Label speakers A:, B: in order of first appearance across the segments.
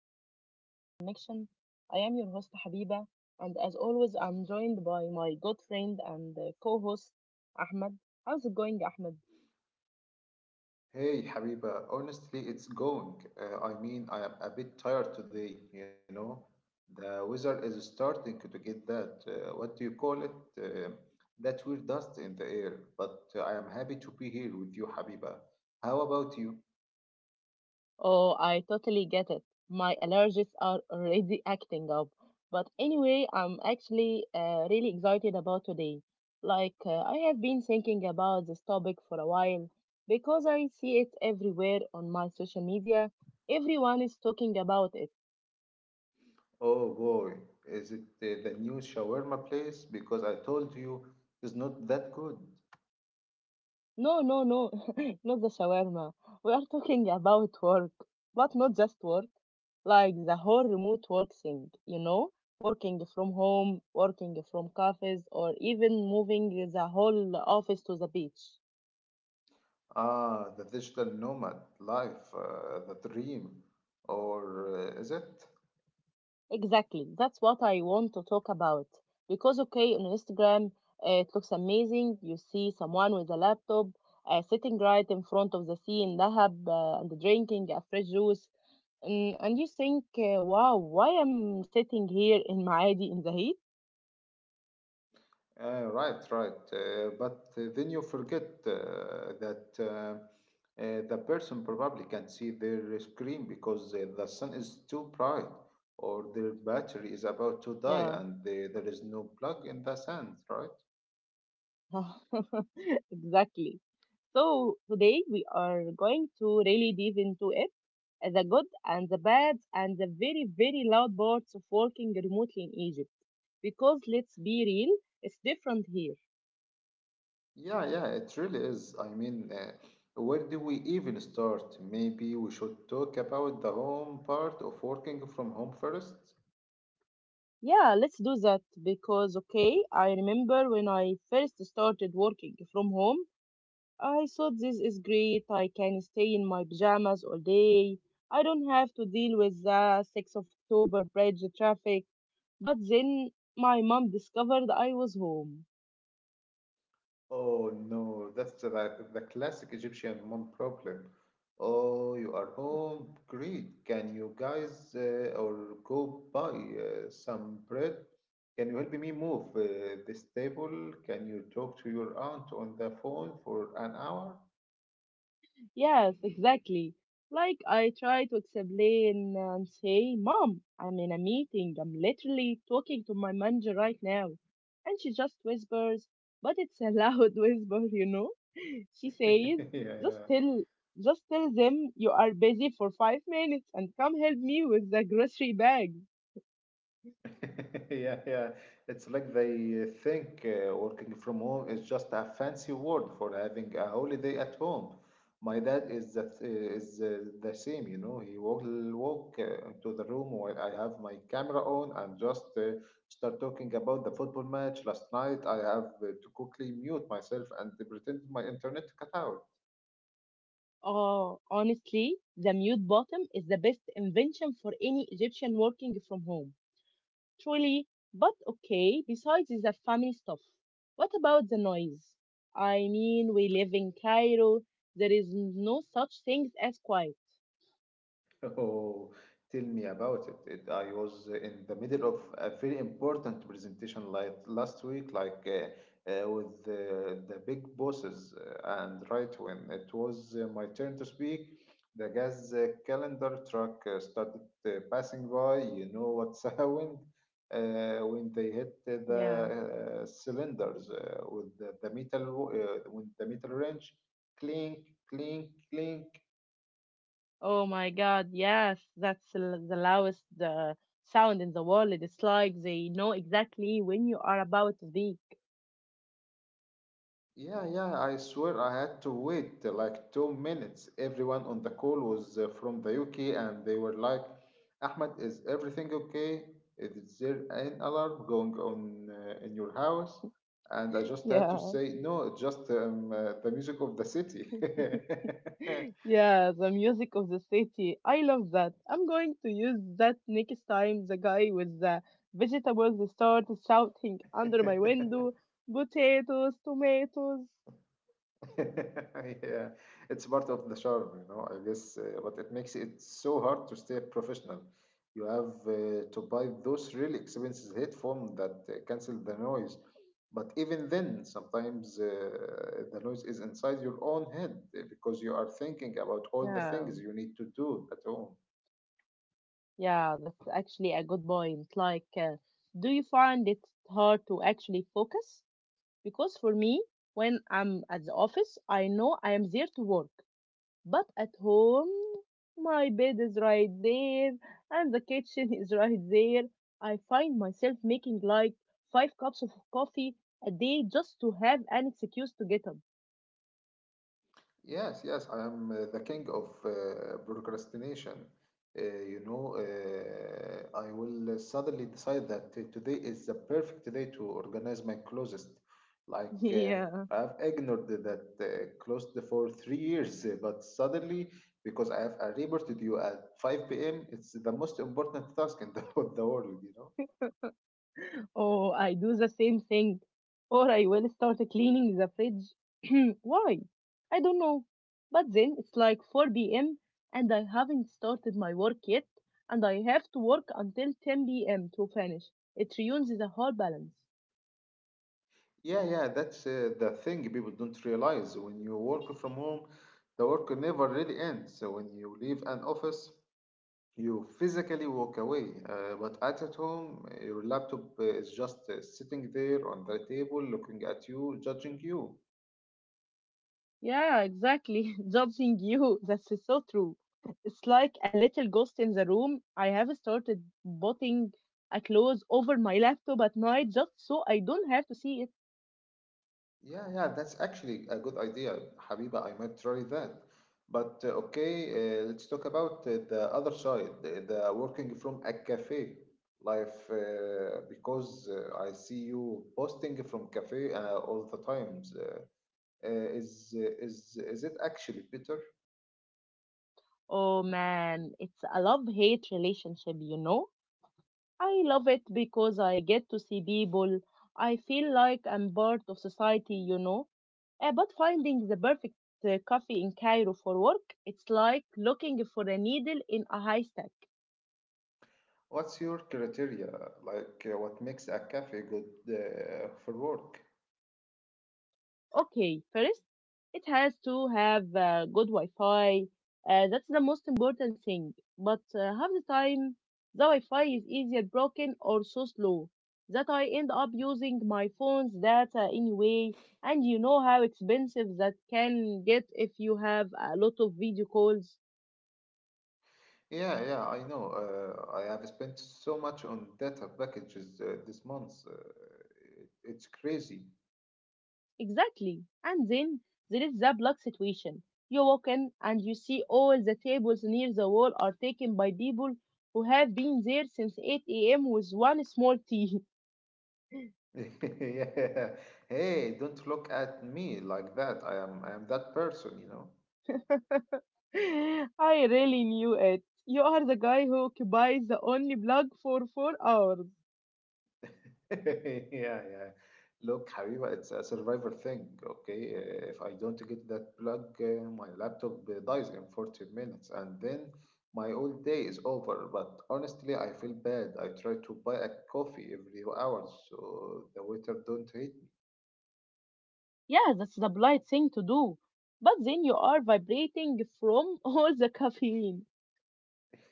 A: episode of the Cairo Connection. I am your host Habiba, and as always, I'm joined by my good friend and co-host Ahmed. How's it going, Ahmed?
B: Hey, Habiba, honestly, it's going. I am a bit tired today. The weather is starting to get what do you call it? Uh, that weird dust in the air. But I am happy to be here with you, Habiba. How about you?
A: Oh, I totally get it. My allergies are already acting up. But anyway, I'm actually really excited about today. I have been thinking about this topic for a while because I see it everywhere on my social media. Everyone is talking about it.
B: Oh boy, is it the new shawarma place? Because I told you it's not that good.
A: No, no, no, not the shawarma. We are talking about work, but not just work, like the whole remote work thing, you know? Working from home, working from cafes, or even moving the whole office to the beach.
B: Ah, the digital nomad life, the dream. Or is it?
A: Exactly, that's what I want to talk about. Because, okay, on Instagram, it looks amazing. You see someone with a laptop sitting right in front of the sea in Dahab and drinking a fresh juice and you think, wow, why I'm sitting here in Maadi in the heat?
B: Right, right. But then you forget that the person probably can't see their screen because the sun is too bright, or their battery is about to die,
A: Yeah,
B: and there is no plug in the sand, right?
A: exactly. So today we are going to really dive into it, the good and the bad and the very, very loud parts of working remotely in Egypt. Because let's be real, it's different here.
B: Yeah, yeah, it really is. I mean, where do we even start? Maybe we should talk about the home part of working from home first.
A: Yeah, let's do that because okay, I remember when I first started working from home, I thought this is great. I can stay in my pajamas all day. I don't have to deal with the 6th of October bridge traffic. But then my mom discovered I was home.
B: Oh no, the classic Egyptian mom problem. Oh, you are home. Great. Can you guys or go buy some bread? Can you help me move this table? Can you talk to your aunt on the phone for an hour?
A: Yes, exactly. Like I try to explain and say, Mom, I'm in a meeting. I'm literally talking to my manager right now. And she just whispers, but it's a loud whisper, you know. She says,
B: Yeah,
A: just
B: yeah.
A: tell just tell them you are busy for 5 minutes and come help me with the grocery bag.
B: Yeah, yeah. It's like they think working from home is just a fancy word for having a holiday at home. My dad is the same. He will walk into the room while I have my camera on, and just start talking about the football match last night. I have to quickly mute myself and pretend my internet cut out.
A: Oh, honestly, the mute button is the best invention for any Egyptian working from home. Truly, but okay, besides is that family stuff. What about the noise? I mean, we live in Cairo. There is no such things as quiet.
B: Oh, tell me about it. I was in the middle of a very important presentation like last week, like with the big bosses, and right when it was my turn to speak, the gas calendar truck started passing by. You know what's happened when they hit uh, the
A: Yeah.
B: uh, cylinders with with the metal wrench, clink, clink, clink.
A: Oh my God. Yes, that's the loudest sound in the world. It's like they know exactly when you are about to speak.
B: Yeah, yeah, I swear I had to wait like 2 minutes. Everyone on the call was from the UK, and they were like, "Ahmed, is everything okay? Is there an alarm going on in your house?" And I just had to
A: Yeah.
B: say, no, it's just the music of the city.
A: Yeah, the music of the city. I love that. I'm going to use that next time the guy with the vegetables starts shouting under my window, potatoes, tomatoes.
B: Yeah, it's part of the charm, you know, I guess, but it makes it so hard to stay professional. You have to buy those really expensive headphones that cancel the noise. But even then, sometimes the noise is inside your own head because you are thinking about all the
A: Yeah,
B: things you need to do at home.
A: yeah, that's actually a good point. Do you find it hard to actually focus? Because for me, when I'm at the office, I know I am there to work. But at home, my bed is right there and the kitchen is right there. I find myself making like 5 cups of coffee a day just to have an excuse to get up.
B: Yes, yes, I am the king of procrastination. You know, I will suddenly decide that today is the perfect day to organize my closet.
A: Yeah.
B: I've ignored that closet for 3 years, but suddenly, because I have a reported you at 5 p.m., it's the most important task in the, in the world, you know?
A: Oh, I do the same thing. Or I will start cleaning the fridge. Why? I don't know. But then it's like 4 p.m. and I haven't started my work yet, and I have to work until 10 p.m. to finish. It ruins the whole balance.
B: Yeah, yeah, that's the thing people don't realize. When you work from home, the work never really ends. So when you leave an office, you physically walk away. But at home, your laptop is just sitting there on the table, looking at you, judging you.
A: Yeah, exactly. Judging you. That's so true. It's like a little ghost in the room. I have started putting a clothes over my laptop at night just so I don't have to see it.
B: Yeah, yeah, that's actually a good idea, Habiba. I might try that. But okay, let's talk about the other side, the working from a cafe life, because I see you posting from cafe all the times. Is it actually better?
A: Oh man, it's a love hate relationship, you know? I love it because I get to see people. I feel like I'm part of society, you know? But finding the perfect coffee in Cairo for work, it's like looking for a needle in a haystack.
B: What's your criteria? What makes a cafe good for work?
A: Okay, first, it has to have good Wi-Fi. That's the most important thing. But half the time, the Wi-Fi is either broken or so slow that I end up using my phone's data anyway. And you know how expensive that can get if you have a lot of video calls.
B: Yeah, yeah, I know. I have spent so much on data packages this month. It's crazy.
A: Exactly. And then there is the block situation. You walk in and you see all the tables near the wall are taken by people who have been there since 8 a.m. with one small tea.
B: Yeah. Hey, don't look at me like that. I am that person, you know.
A: I really knew it. You are the guy who occupies the only block for 4 hours.
B: Yeah, yeah. Look, Habiba, it's a survival thing, okay? If I don't get that plug, my laptop dies in 40 minutes, and then my old day is over. But honestly, I feel bad. I try to buy a coffee every hour so the waiter don't hate me.
A: Yeah, that's the polite thing to do. But then you are vibrating from all the caffeine.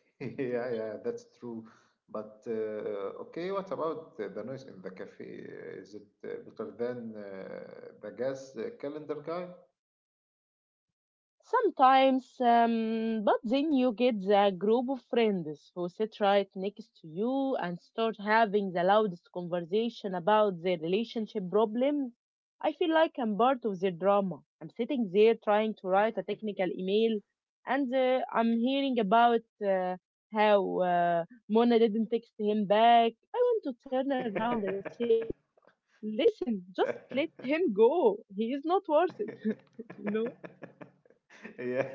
B: Yeah, yeah, that's true. But okay, what about the noise in the cafe? Is it better than the gas calendar guy?
A: Sometimes, but then you get the group of friends who sit right next to you and start having the loudest conversation about their relationship problems. I feel like I'm part of their drama. I'm sitting there trying to write a technical email, and I'm hearing about uh, how Mona didn't text him back. I want to turn around and say, "Listen, just let him go. He is not worth it." you know.
B: Yeah.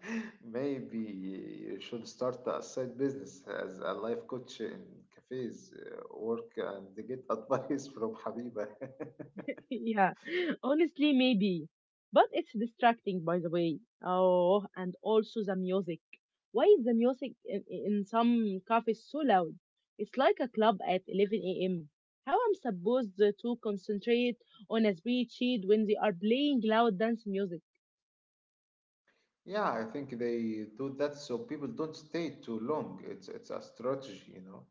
B: Maybe you should start a side business as a life coach in cafes work and get advice from Habiba.
A: Yeah, honestly, maybe. But it's distracting, by the way. Oh, and also the music. Why is the music in some cafes so loud? It's like a club at 11 a.m. How I'm supposed to concentrate on a speech sheet when they are playing loud dance music?
B: Yeah, I think they do that so people don't stay too long. It's a strategy, you know.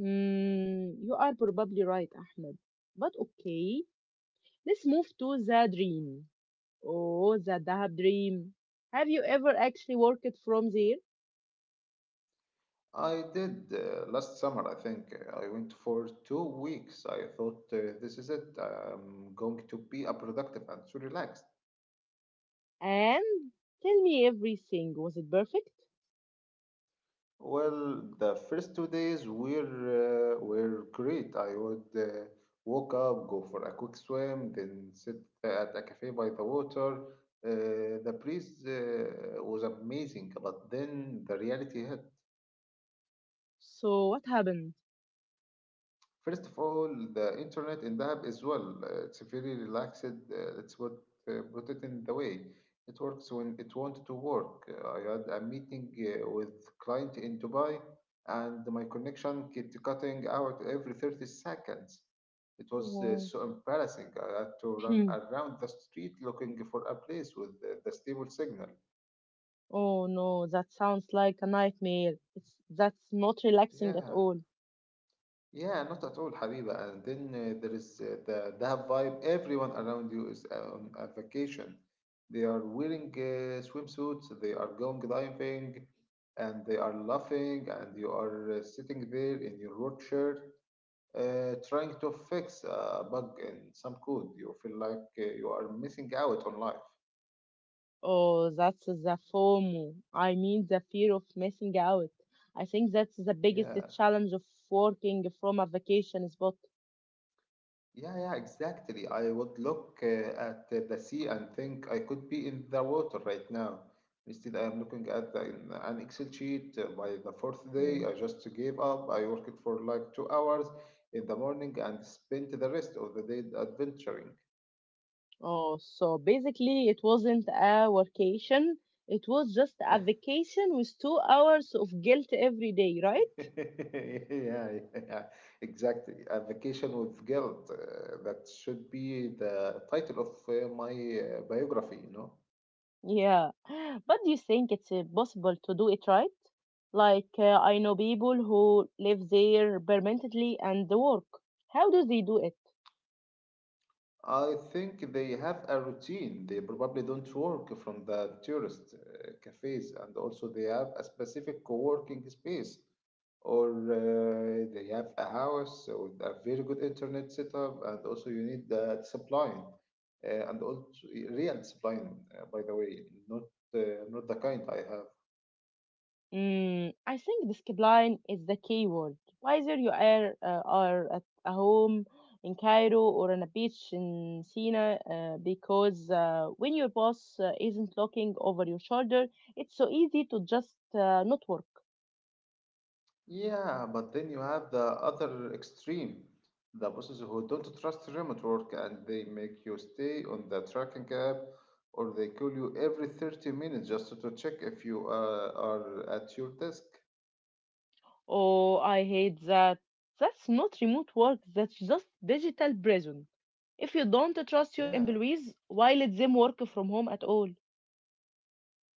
A: Mm, you are probably right, Ahmed. But okay, let's move to the dream. Oh, the Dahab dream. Have you ever actually worked from there?
B: I did, last summer I think, I went for 2 weeks. I thought, this is it, I'm going to be a productive and so relaxed.
A: And tell me everything. Was it perfect?
B: Well, the first 2 days were great. I would wake up, go for a quick swim, then sit at a cafe by the water. The breeze was amazing, but then the reality hit.
A: So what happened?
B: First of all, the internet in Dahab is well. It's very relaxed. It's what put it in the way. It works when it wanted to work. I had a meeting with client in Dubai, and my connection kept cutting out every 30 seconds. It was
A: Oh,
B: so embarrassing. I had to run around the street looking for a place with the stable signal.
A: oh no, that sounds like a nightmare. It's that's not relaxing at
B: Yeah.
A: all.
B: Yeah, not at all, Habiba. And then there is the Dahab vibe. Everyone around you is on a vacation. They are wearing swimsuits, they are going diving, and they are laughing, and you are sitting there in your work shirt, trying to fix a bug in some code. You feel like you are missing out on life.
A: Oh, that's the FOMO. I mean the fear of missing out. I think that's the biggest
B: Yeah.
A: challenge of working from a vacation spot.
B: Yeah, yeah, exactly. I would look at the sea and think I could be in the water right now. Instead, I am looking at in an Excel sheet. By the fourth day,
A: Mm.
B: I just gave up. I worked for like 2 hours in the morning and spent the rest of the day adventuring.
A: Oh, so basically it wasn't a vacation. It was just a vacation with 2 hours of guilt every day, right?
B: Yeah, yeah, exactly. A vacation with guilt. That should be the title of my biography, you know.
A: Yeah, but do you think it's possible to do it right? I know people who live there permanently and they work. How do they do it?
B: I think they have a routine. They probably don't work from the tourist cafes, and also they have a specific co-working space, or they have a house with a very good internet setup, and also you need the discipline and also real discipline, by the way, not not the kind I have.
A: Mm, I think discipline is the key word. Whether you are at a home in Cairo or on a beach in Sina, because when your boss isn't looking over your shoulder, it's so easy to just not work.
B: Yeah, but then you have the other extreme, the bosses who don't trust remote work, and they make you stay on the tracking app, or they call you every 30 minutes just to check if you are at your desk.
A: Oh, I hate that. That's not remote work, that's just digital prison. If you don't trust your
B: Yeah,
A: employees, why let them work from home at all?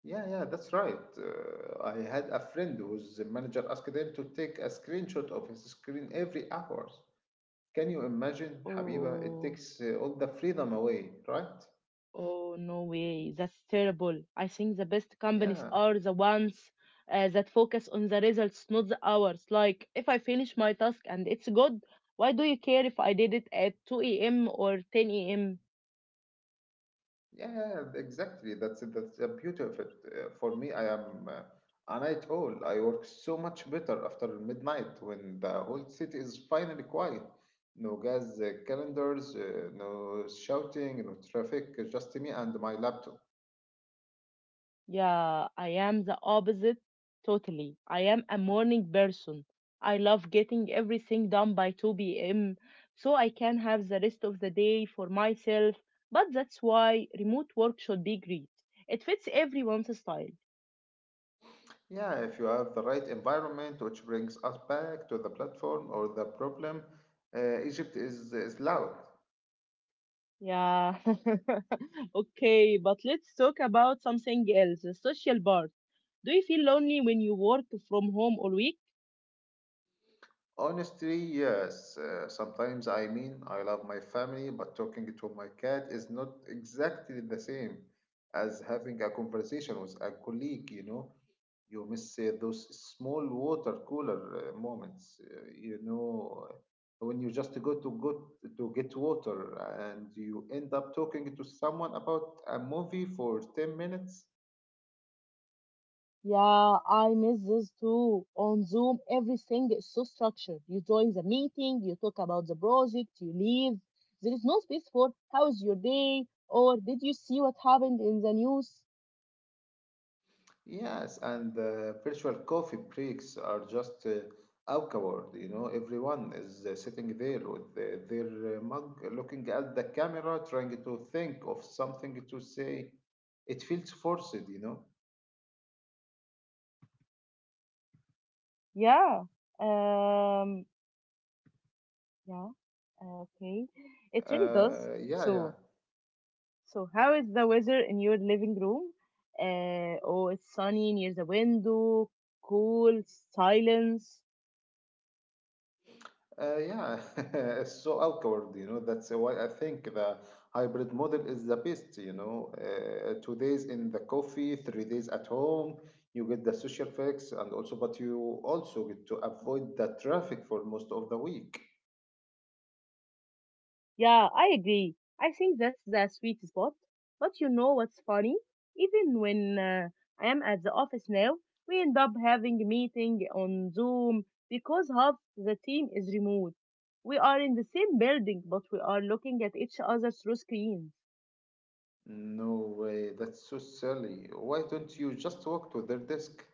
B: yeah, yeah, that's right. I had a friend whose manager asked him to take a screenshot of his screen every hour. Can you imagine, Habiba? It
A: Oh,
B: takes all the freedom away, right?
A: oh, no way. That's terrible. I think the best companies
B: Yeah.
A: are the ones that focus on the results, not the hours. Like, if I finish my task and it's good, why do you care if I did it at 2 a.m. or 10 a.m.?
B: Yeah, yeah, yeah, exactly. That's the beauty of it. For me, I am a night owl. I work so much better after midnight when the whole city is finally quiet. No gas calendars, no shouting, no traffic, just me and my laptop.
A: Yeah, I am the opposite totally. I am a morning person. I love getting everything done by 2 p.m. so I can have the rest of the day for myself. But that's why remote work should be great. It fits everyone's style.
B: Yeah, if you have the right environment, which brings us back to the platform or the problem, Egypt is loud.
A: Yeah. okay, but let's talk about something else the social part. Do you feel lonely when you work from home all week?
B: Honestly, yes. Sometimes I mean, I love my family, but talking to my cat is not exactly the same as having a conversation with a colleague, you know. You miss those small water cooler moments, when you just go to get water and you end up talking to someone about a movie for 10 minutes.
A: Yeah, I miss this too. On Zoom, everything is so structured. You join the meeting, you talk about the project, you leave. There is no space for how's your day or did you see what happened in the news?
B: Yes, and the virtual coffee breaks are just awkward. You know, everyone is sitting there with their mug, looking at the camera, trying to think of something to say. It feels forced, you know.
A: Yeah. Um, yeah. Okay. It really does.
B: Yeah, yeah.
A: So, so how is the weather in your living room? Oh, it's sunny near the window, cool, silence.
B: Yeah, it's so awkward, you know. That's why I think the hybrid model is the best, you know. 2 days in the coffee, 3 days at home. You get the social fix, and also, but you also get to avoid the traffic for most of the week.
A: Yeah, I agree. I think that's the sweet spot. But you know what's funny? Even when I am at the office now, we end up having a meeting on Zoom because half the team is remote. We are in the same building, but we are looking at each other through screens.
B: No way, that's so silly. Why don't you just walk to their desk?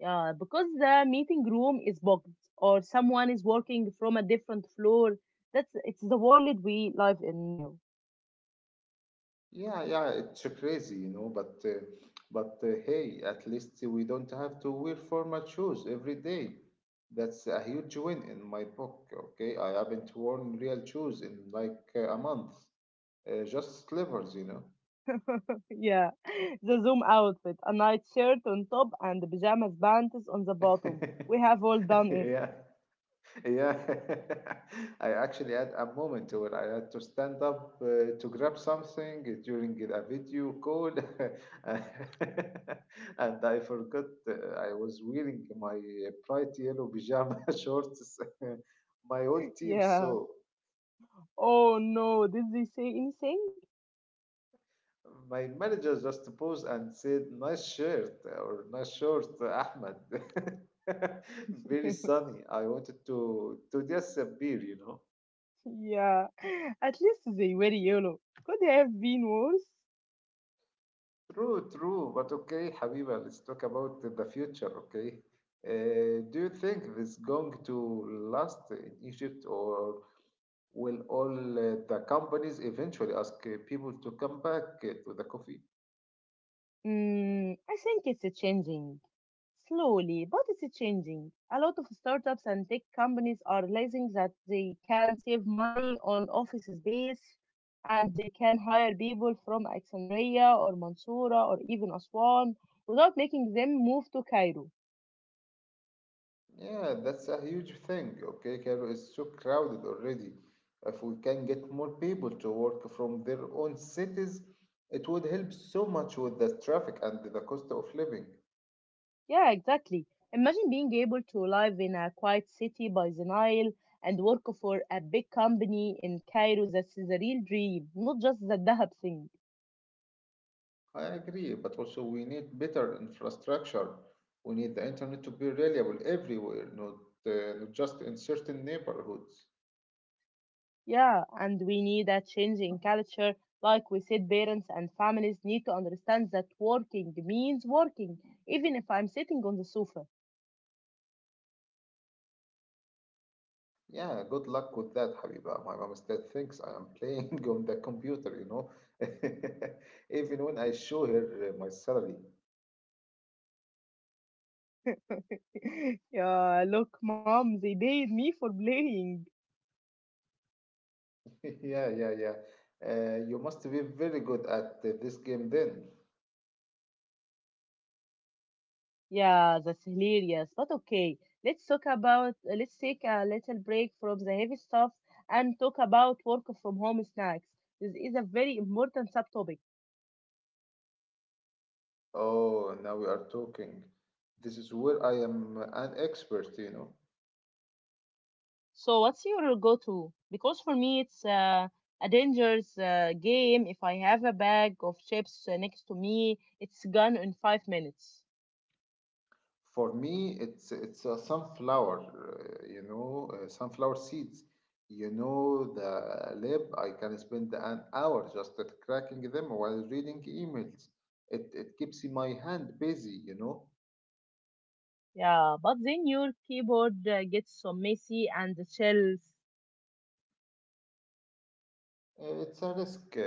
A: Yeah, because the meeting room is booked or someone is working from a different floor. That's it's the world we live in now.
B: Yeah, yeah, it's crazy, you know, but hey, at least we don't have to wear formal shoes every day. That's a huge win in my book, okay? I haven't worn real shoes in like a month. Just slippers, you know.
A: Yeah, the Zoom outfit, a nightshirt on top and pajamas panties on the bottom. We have all done it.
B: Yeah. Yeah, I actually had a moment where I had to stand up to grab something during a video call, and I forgot I was wearing my bright yellow pajama shorts. My whole team
A: Yeah.
B: saw.
A: Oh no, did they say anything?
B: My manager just paused and said, "Nice shirt" or "Nice short, Ahmed." Very sunny. I wanted to disappear, you know.
A: yeah. At least they were yellow. Could have been worse.
B: True, true. But okay, Habiba, let's talk about the future, okay? Do you think this is going to last in Egypt, or will all the companies eventually ask people to come back to the coffee?
A: Mm, I think it's a changing. Slowly, but it's changing. A lot of startups and tech companies are realizing that they can save money on office space and they can hire people from Alexandria or Mansoura or even Aswan without making them move to Cairo.
B: Yeah, that's a huge thing, okay? Cairo is so crowded already. If we can get more people to work from their own cities, it would help so much with the traffic and the cost of living.
A: Yeah, exactly. Imagine being able to live in a quiet city by the Nile and work for a big company in Cairo. That is a real dream, not just the Dahab thing.
B: I agree, but also we need better infrastructure. We need the internet to be reliable everywhere, not just in certain neighborhoods.
A: Yeah, and we need a change in culture. Like we said, parents and families need to understand that working means working, even if I'm sitting on the sofa.
B: Yeah, good luck with that, Habiba. My mom still thinks I am playing on the computer, you know, even when I show her my salary.
A: yeah, look, mom, they paid me for playing.
B: Yeah, yeah, yeah. You must be very good at this game then.
A: Yeah, that's hilarious. But okay, let's talk about, let's take a little break from the heavy stuff and talk about work from home snacks. This is a very important subtopic.
B: Oh, now we are talking. This is where I am an expert, you know.
A: So, what's your go-to? Because for me, it's a dangerous game. If I have a bag of chips next to me, it's gone in 5 minutes.
B: For me, it's a sunflower, you know, sunflower seeds. You know, the lab, I can spend an hour just at cracking them while reading emails. It keeps my hand busy, you know.
A: Yeah, but then your keyboard gets so messy and the shells.
B: It's a risk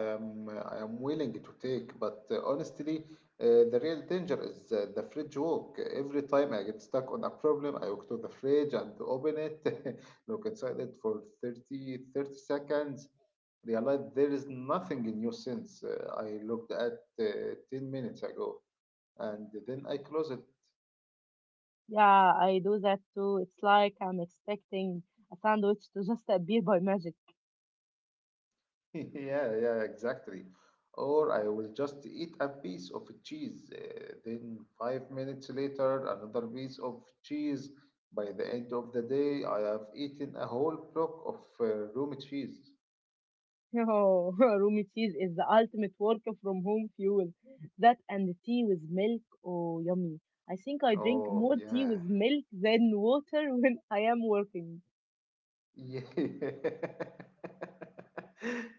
B: I am willing to take, but honestly, the real danger is the fridge walk. Every time I get stuck on a problem, I walk to the fridge and open it, look inside it for 30 30 seconds realized there is nothing in you since I looked at 10 minutes ago and then I close it.
A: Yeah, I do that too. It's like I'm expecting a sandwich to just appear by magic.
B: Yeah, yeah, exactly. Or I will just eat a piece of cheese. Then, 5 minutes later, another piece of cheese. By the end of the day, I have eaten a whole block of room cheese.
A: Oh, Rumi cheese is the ultimate work from home fuel. That and tea with milk, oh yummy. I think I drink
B: Oh,
A: more tea with
B: yeah.
A: milk than water when I am working.
B: Yeah.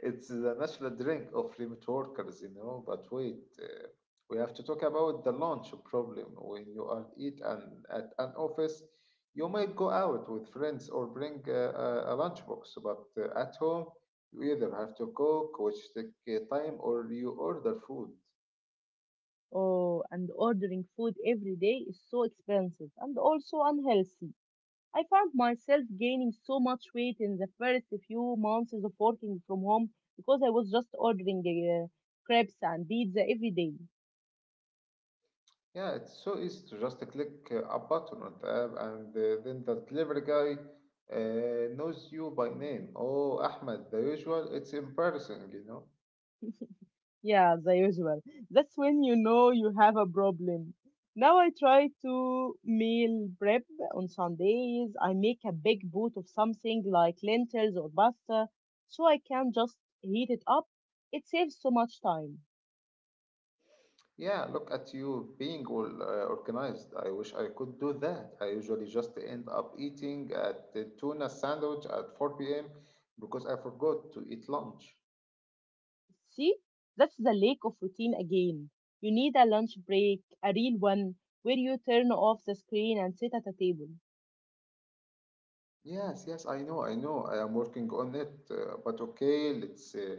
B: It's the national drink of remote workers, you know. But wait, we have to talk about the lunch problem. When you are eat and at an office, you might go out with friends or bring a lunchbox. But at home, you either have to cook, which take time, or you order food.
A: Oh, and ordering food every day is so expensive and also unhealthy. I found myself gaining so much weight in the first few months of working from home because I was just ordering crepes and pizza every day.
B: Yeah, it's so easy to just click a button on the app, and then the delivery guy knows you by name. Oh, Ahmed, the usual. It's embarrassing, you know.
A: Yeah, the usual. That's when you know you have a problem. Now I try to meal prep on Sundays. I make a big pot of something like lentils or pasta so I can just heat it up. It saves so much time.
B: Yeah, look at you being all organized. I wish I could do that. I usually just end up eating at the tuna sandwich at 4 p.m. because I forgot to eat lunch.
A: See, that's the lack of routine again. You need a lunch break, a real one, where you turn off the screen and sit at a table.
B: Yes, yes, I know, I know. I am working on it. But okay, let's uh,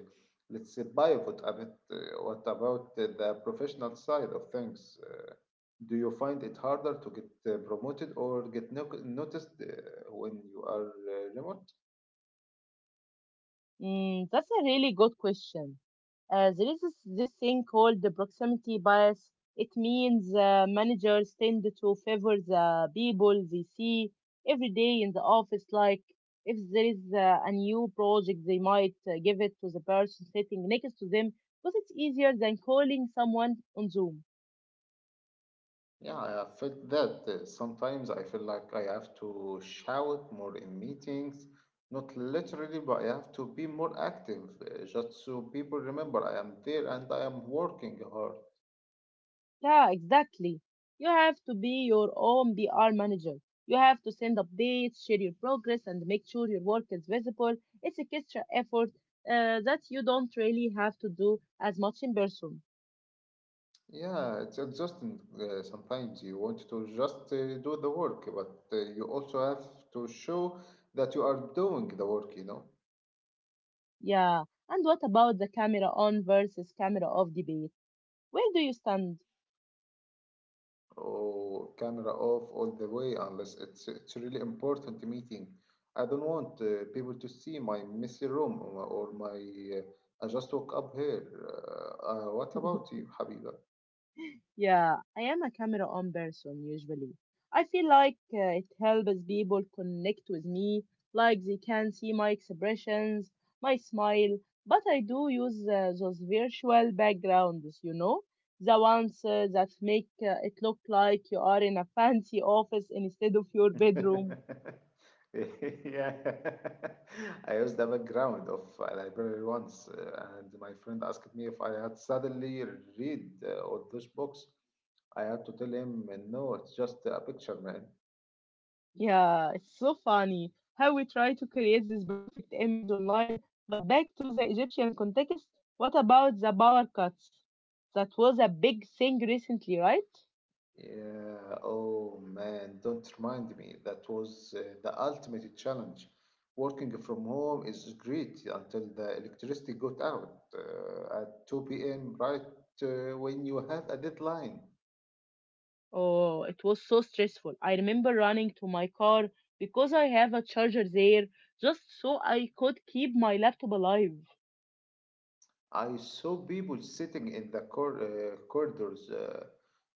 B: let's uh, pivot a bit. What about the professional side of things? Do you find it harder to get promoted or get no noticed when you are remote?
A: Mm, that's a really good question. There is this thing called the proximity bias. It means managers tend to favor the people they see every day in the office. Like if there is a new project, they might give it to the person sitting next to them because it's easier than calling someone on Zoom.
B: Yeah, I have felt that. Sometimes I feel like I have to shout more in meetings. Not literally, but I have to be more active just so people remember I am there and I am working hard.
A: Yeah, exactly. You have to be your own PR manager. You have to send updates, share your progress, and make sure your work is visible. It's a extra effort that you don't really have to do as much in person.
B: Yeah, it's exhausting. Sometimes you want to just do the work, but you also have to show that you are doing the work, you know.
A: Yeah. And what about the camera on versus camera off debate? Where do you stand?
B: Oh, camera off all the way, unless it's a really important meeting. I don't want people to see my messy room or my. I just woke up here. What about you, Habiba?
A: Yeah, I am a camera on person usually. I feel like it helps people connect with me, like they can see my expressions, my smile. But I do use those virtual backgrounds, you know, the ones that make it look like you are in a fancy office instead of your bedroom.
B: yeah, I used the background of a library once, and my friend asked me if I had suddenly read all those books. I had to tell him, no, it's just a picture, man.
A: Yeah, it's so funny how we try to create this perfect image online. But back to the Egyptian context, what about the power cuts? That was a big thing recently, right?
B: Yeah, oh man, don't remind me. That was the ultimate challenge. Working from home is great until the electricity got out at 2 p.m., right when you have a deadline.
A: Oh, it was so stressful. I remember running to my car because I have a charger there just so I could keep my laptop alive.
B: I saw people sitting in the corridors uh,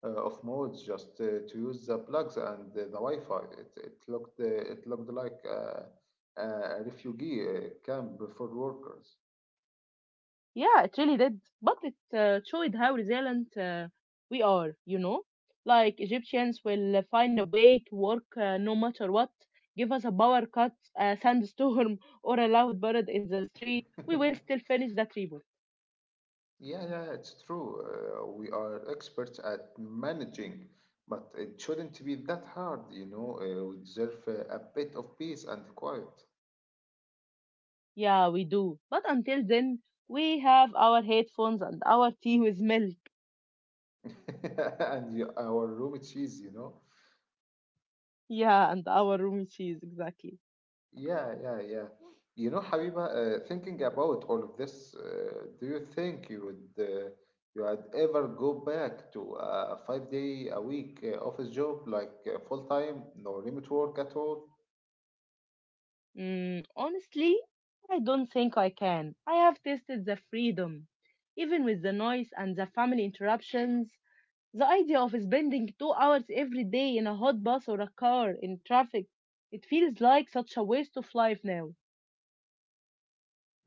B: uh, of malls just to use the plugs and the Wi-Fi. It looked it looked like a refugee camp for workers.
A: Yeah, it really did. But it showed how resilient we are, you know? Like, Egyptians will find a way to work no matter what. Give us a power cut, a sandstorm, or a loud bird in the street. We will still finish that report.
B: Yeah, yeah, it's true. We are experts at managing, but it shouldn't be that hard, you know. We deserve a bit of peace and quiet,
A: Yeah, we do. But until then, we have our headphones and our tea with milk.
B: and you, our room cheese, you know.
A: Yeah, and our room cheese, exactly.
B: Yeah, yeah, yeah. You know, Habiba, thinking about all of this, do you think you would ever go back to a 5 day a week office job like full time, no remote work at all?
A: Mm, honestly, I don't think I can. I have tasted the freedom. Even with the noise and the family interruptions, the idea of spending 2 hours every day in a hot bus or a car in traffic, it feels like such a waste of life now.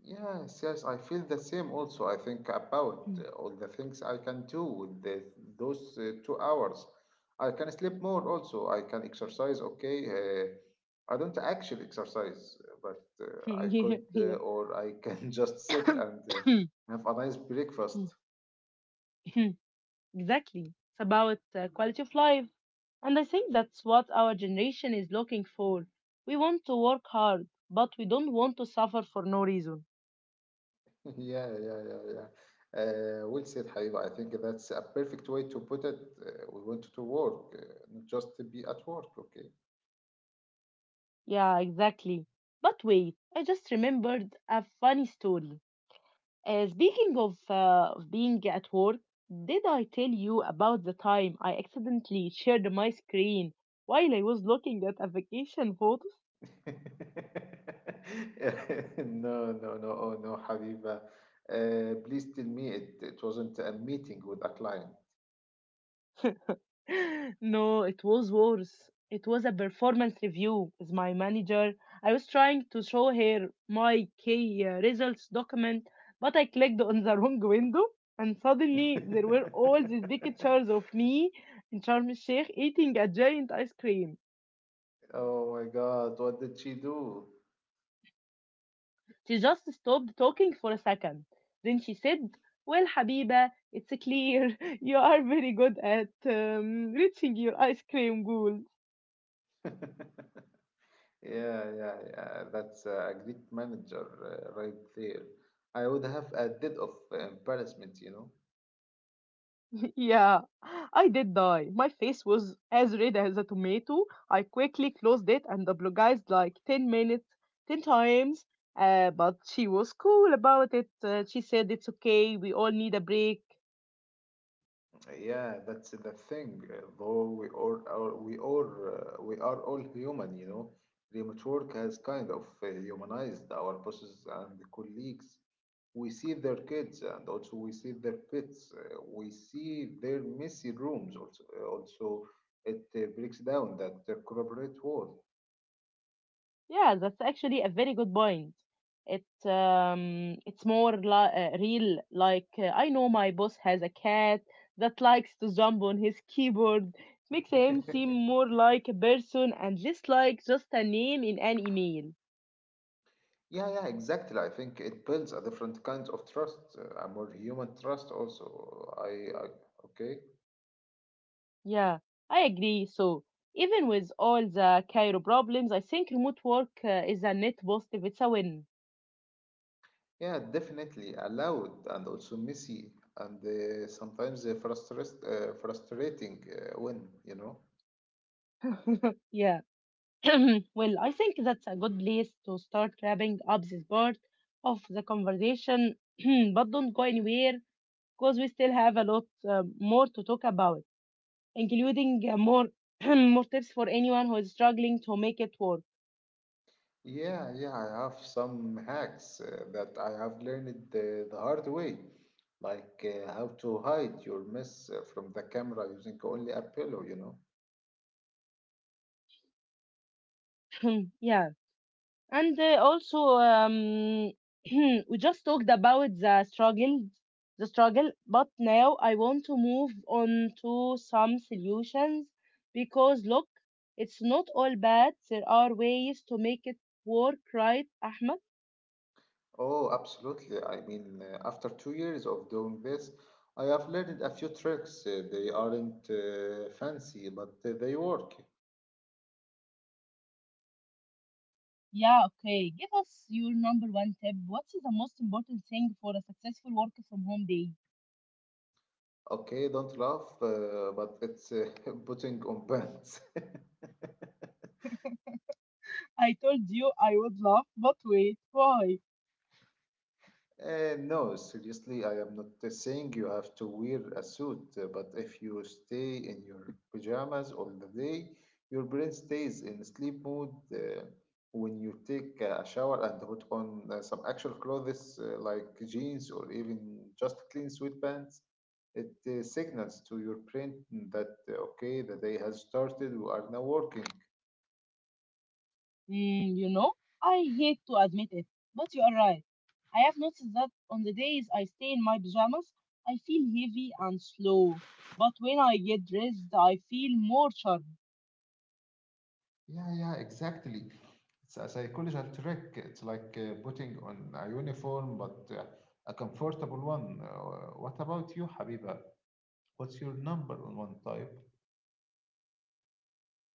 B: Yes, yes, I feel the same also. I think about all the things I can do with those 2 hours. I can sleep more also. I can exercise, okay. I don't actually exercise, but I could
A: Yeah, yeah.
B: or I can just sit and have a nice breakfast.
A: Exactly. It's about quality of life. And I think that's what our generation is looking for. We want to work hard, but we don't want to suffer for no reason.
B: Yeah, yeah, yeah, yeah. Well said, Habiba. I think that's a perfect way to put it. We want to work, not just to be at work, okay?
A: Yeah, exactly. But wait, I just remembered a funny story. Speaking of being at work, did I tell you about the time I accidentally shared my screen while I was looking at a vacation photos?
B: No, no, no, oh no, Habiba. Please tell me it wasn't a meeting with a client.
A: No, it was worse. It was a performance review with my manager. I was trying to show her my key results document, but I clicked on the wrong window, and suddenly there were all these big pictures of me in Sharm el Sheikh eating a giant ice cream.
B: Oh my God, what did she do?
A: She just stopped talking for a second. Then she said, well, Habiba, it's clear you are very good at reaching your ice cream goal.
B: Yeah, yeah, yeah. That's a great manager right there. I would have a dead of embarrassment, you know.
A: Yeah, I did die. My face was as red as a tomato. I quickly closed it and apologized like 10 minutes, 10 times. But she was cool about it. She said, it's okay, we all need a break.
B: Yeah, that's the thing. Though we all are, we all We are all human, you know. Remote work has kind of humanized our bosses and colleagues. We see their kids and also we see their pets. We see their messy rooms also. Also, it Breaks down that corporate world.
A: Yeah, that's actually a very good point. It, it's more real. Like, I know my boss has a cat that likes to jump on his keyboard. It makes him seem more like a person and less like just a name in an email.
B: Yeah, yeah, exactly. I think it builds a different kind of trust, a more human trust also. I okay.
A: Yeah, I agree. So, even with all the Cairo problems, I think remote work is a net positive. It's a win.
B: Yeah, definitely allowed and also messy and sometimes frustrating when, you know.
A: Yeah. Well, I think that's a good place to start wrapping up this part of the conversation. But don't go anywhere because we still have a lot more to talk about, including more more tips for anyone who is struggling to make it work.
B: Yeah, yeah, I have some hacks that I have learned the hard way, like how to hide your mess from the camera using only a pillow, you know.
A: Yeah. And also, we just talked about the struggle, but now I want to move on to some solutions because look, it's not all bad. There are ways to make it work, right, Ahmed?
B: Oh, absolutely. I mean, after 2 years of doing this, I have learned a few tricks. They aren't fancy, but they work.
A: Yeah, okay. Give us your number one tip. What's the most important thing for a successful work from home day?
B: Okay, don't laugh, but it's putting on pants.
A: I told you I would laugh, but wait, why?
B: No, seriously, I am not saying you have to wear a suit, but if you stay in your pajamas all the day, your brain stays in sleep mode. When you take a shower and put on some actual clothes like jeans or even just clean sweatpants, it signals to your brain that okay, the day has started, we are now working.
A: Mm, you know, I hate to admit it, but you are right. I have noticed that on the days I stay in my pajamas, I feel heavy and slow. But when I get dressed, I feel more sharp.
B: Yeah, yeah, exactly. It's a psychological trick. It's like putting on a uniform, but a comfortable one. What about you, Habiba? What's your number on one type?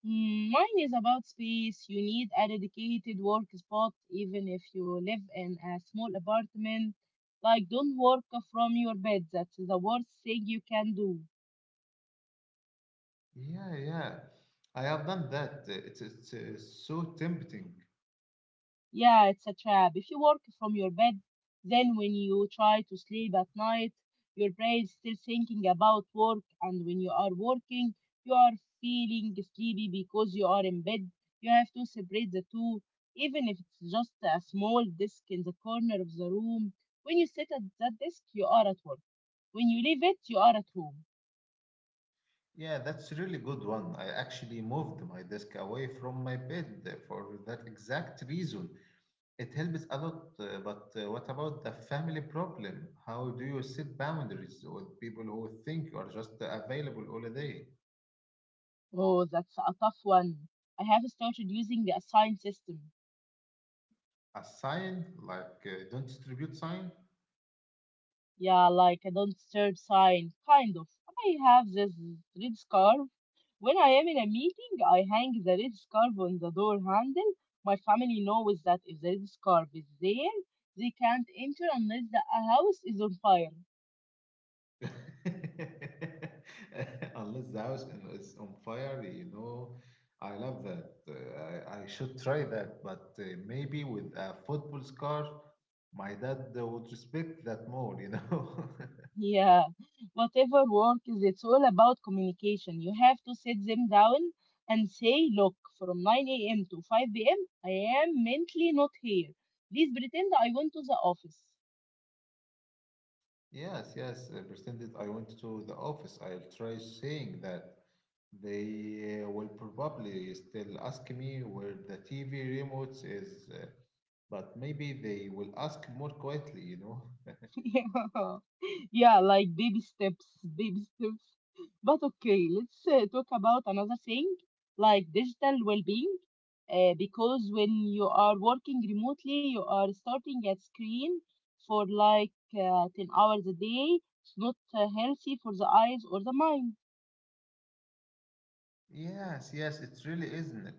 A: Mm, mine is about space. You need a dedicated work spot, even if you live in a small apartment. Like, don't work from your bed. That's the worst thing you can do.
B: Yeah, yeah. I have done that. It's so tempting.
A: Yeah, it's a trap. If you work from your bed, then when you try to sleep at night, your brain is still thinking about work, and when you are working, you are feeling sleepy because you are in bed. You have to separate the two, even if it's just a small desk in the corner of the room. When you sit at that desk, you are at work. When you leave it, you are at home.
B: Yeah, that's a really good one. I actually moved my desk away from my bed for that exact reason. It helps a lot, but what about the family problem? How do you set boundaries with people who think you are just available all day?
A: Oh, that's a tough one. I have started using a sign system.
B: A sign, like don't distribute sign?
A: Yeah, like a don't disturb sign, kind of. I have this red scarf. When I am in a meeting, I hang the red scarf on the door handle. My family knows that if the red scarf is there, they can't enter unless the house is on fire.
B: Unless the is on fire, you know, I love that. I should try that, but maybe with a football scarf, my dad would respect that more, you know.
A: Yeah, whatever work is, it's all about communication. You have to sit them down and say, look, from 9 a.m. to 5 p.m., I am mentally not here. Please pretend I went to the office.
B: Yes, yes, I pretended I went to the office. I'll try saying that. They will probably still ask me where the TV remote is, but maybe they will ask more quietly, you know.
A: Yeah. Yeah, like baby steps, baby steps. But okay, let's talk about another thing like digital well-being. Because when you are working remotely, you are starting at screen for like 10 hours a day. It's not healthy for the eyes or the mind.
B: Yes, yes, it really isn't it.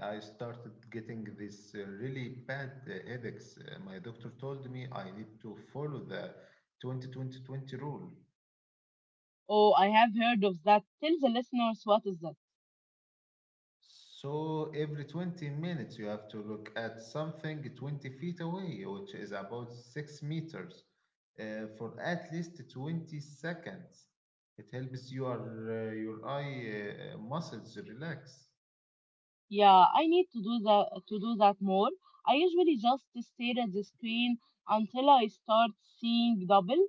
B: Uh, I started getting these really bad headaches. My doctor told me I need to follow the 20-20-20 rule.
A: Oh, I have heard of that. Tell the listeners what is that.
B: So every 20 minutes you have to look at something 20 feet away, which is about 6 meters, for at least 20 seconds. It helps your eye muscles relax.
A: Yeah, I need to do that more. I usually just stare at the screen until I start seeing double.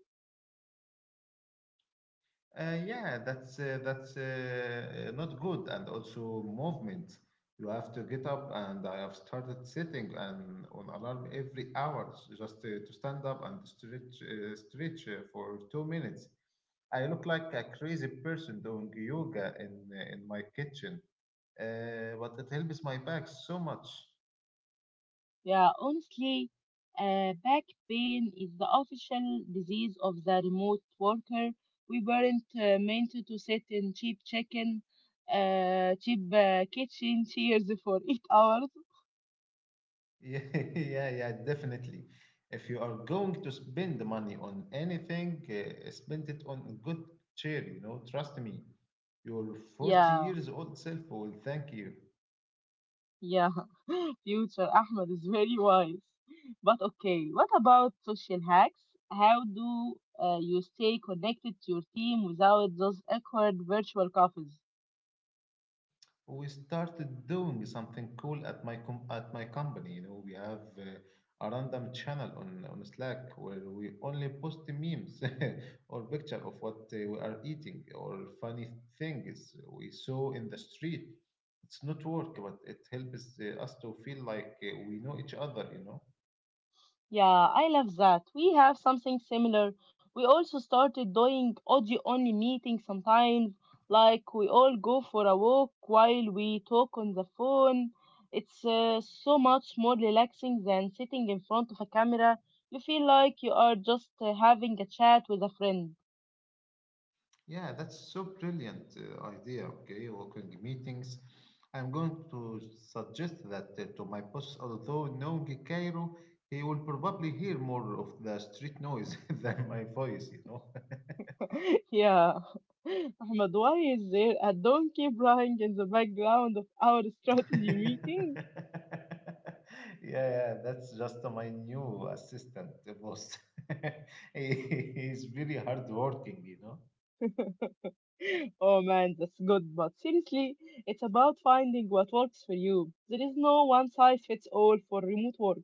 B: Yeah, that's not good. And also movement. You have to get up, and I have started sitting and on alarm every hour just to stand up and stretch for 2 minutes. I look like a crazy person doing yoga in my kitchen, but it helps my back so much.
A: Yeah, honestly, back pain is the official disease of the remote worker. We weren't meant to sit in cheap kitchen chairs for 8 hours.
B: Yeah, yeah, yeah, definitely. If you are going to spend the money on anything, spend it on a good chair, you know, trust me. Your 40
A: Yeah.
B: years old self will thank you.
A: Yeah, future Ahmed is very wise. But okay, what about social hacks? How do you stay connected to your team without those awkward virtual coffees?
B: We started doing something cool at my company. You know, we have a random channel on Slack where we only post memes or picture of what we are eating or funny things we saw in the street. It's not work, but it helps us to feel like we know each other. You know.
A: Yeah, I love that. We have something similar. We also started doing audio only meetings sometimes, like we all go for a walk while we talk on the phone. It's so much more relaxing than sitting in front of a camera. You feel like you are just having a chat with a friend.
B: Yeah, that's so brilliant idea. Okay, working meetings. I'm going to suggest that to my boss, although knowing Cairo, he will probably hear more of the street noise than my voice, you know.
A: Yeah. Ahmed, why is there a donkey braying in the background of our strategy meeting?
B: Yeah, yeah, that's just my new assistant boss. He's very hardworking, you know.
A: Oh man, that's good. But seriously, it's about finding what works for you. There is no one size fits all for remote work.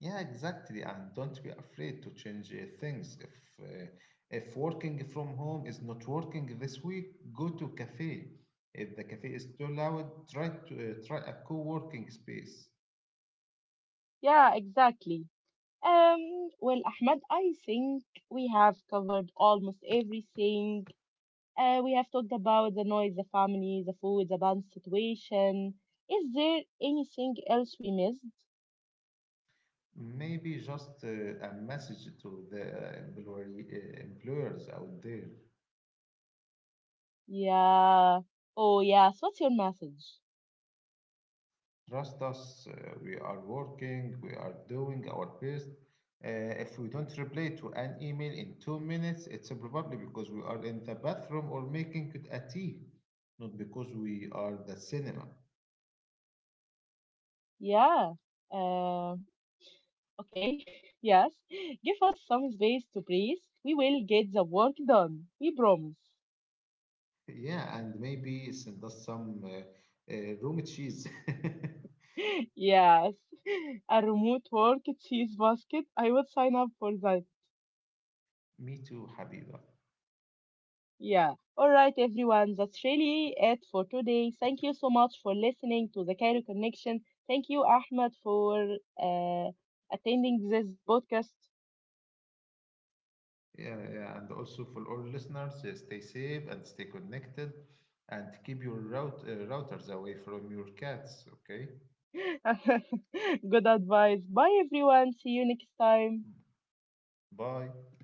B: Yeah, exactly. And don't be afraid to change things. If working from home is not working this week, go to cafe. If the cafe is too loud, try a co-working space.
A: Yeah, exactly. Well, Ahmed, I think we have covered almost everything. We have talked about the noise, the family, the food, the band situation. Is there anything else we missed?
B: Maybe just a message to the employers out there.
A: Yeah. Oh, yes. What's your message?
B: Trust us, we are working, we are doing our best. Uh, if we don't reply to an email in 2 minutes, it's probably because we are in the bathroom or making it a tea, not because we are the cinema.
A: Yeah. Uh, Okay, yes. Give us some space to breathe. We will get the work done. We promise.
B: Yeah, and maybe send us some room cheese.
A: Yes. A remote work cheese basket. I would sign up for that.
B: Me too, Habiba.
A: Yeah. All right, everyone. That's really it for today. Thank you so much for listening to the Cairo Connection. Thank you, Ahmed, for uh, attending this podcast.
B: Yeah, yeah, and also for all listeners, stay safe and stay connected, and keep your routers away from your cats. Okay,
A: Good advice. Bye, everyone. See you next time.
B: bye.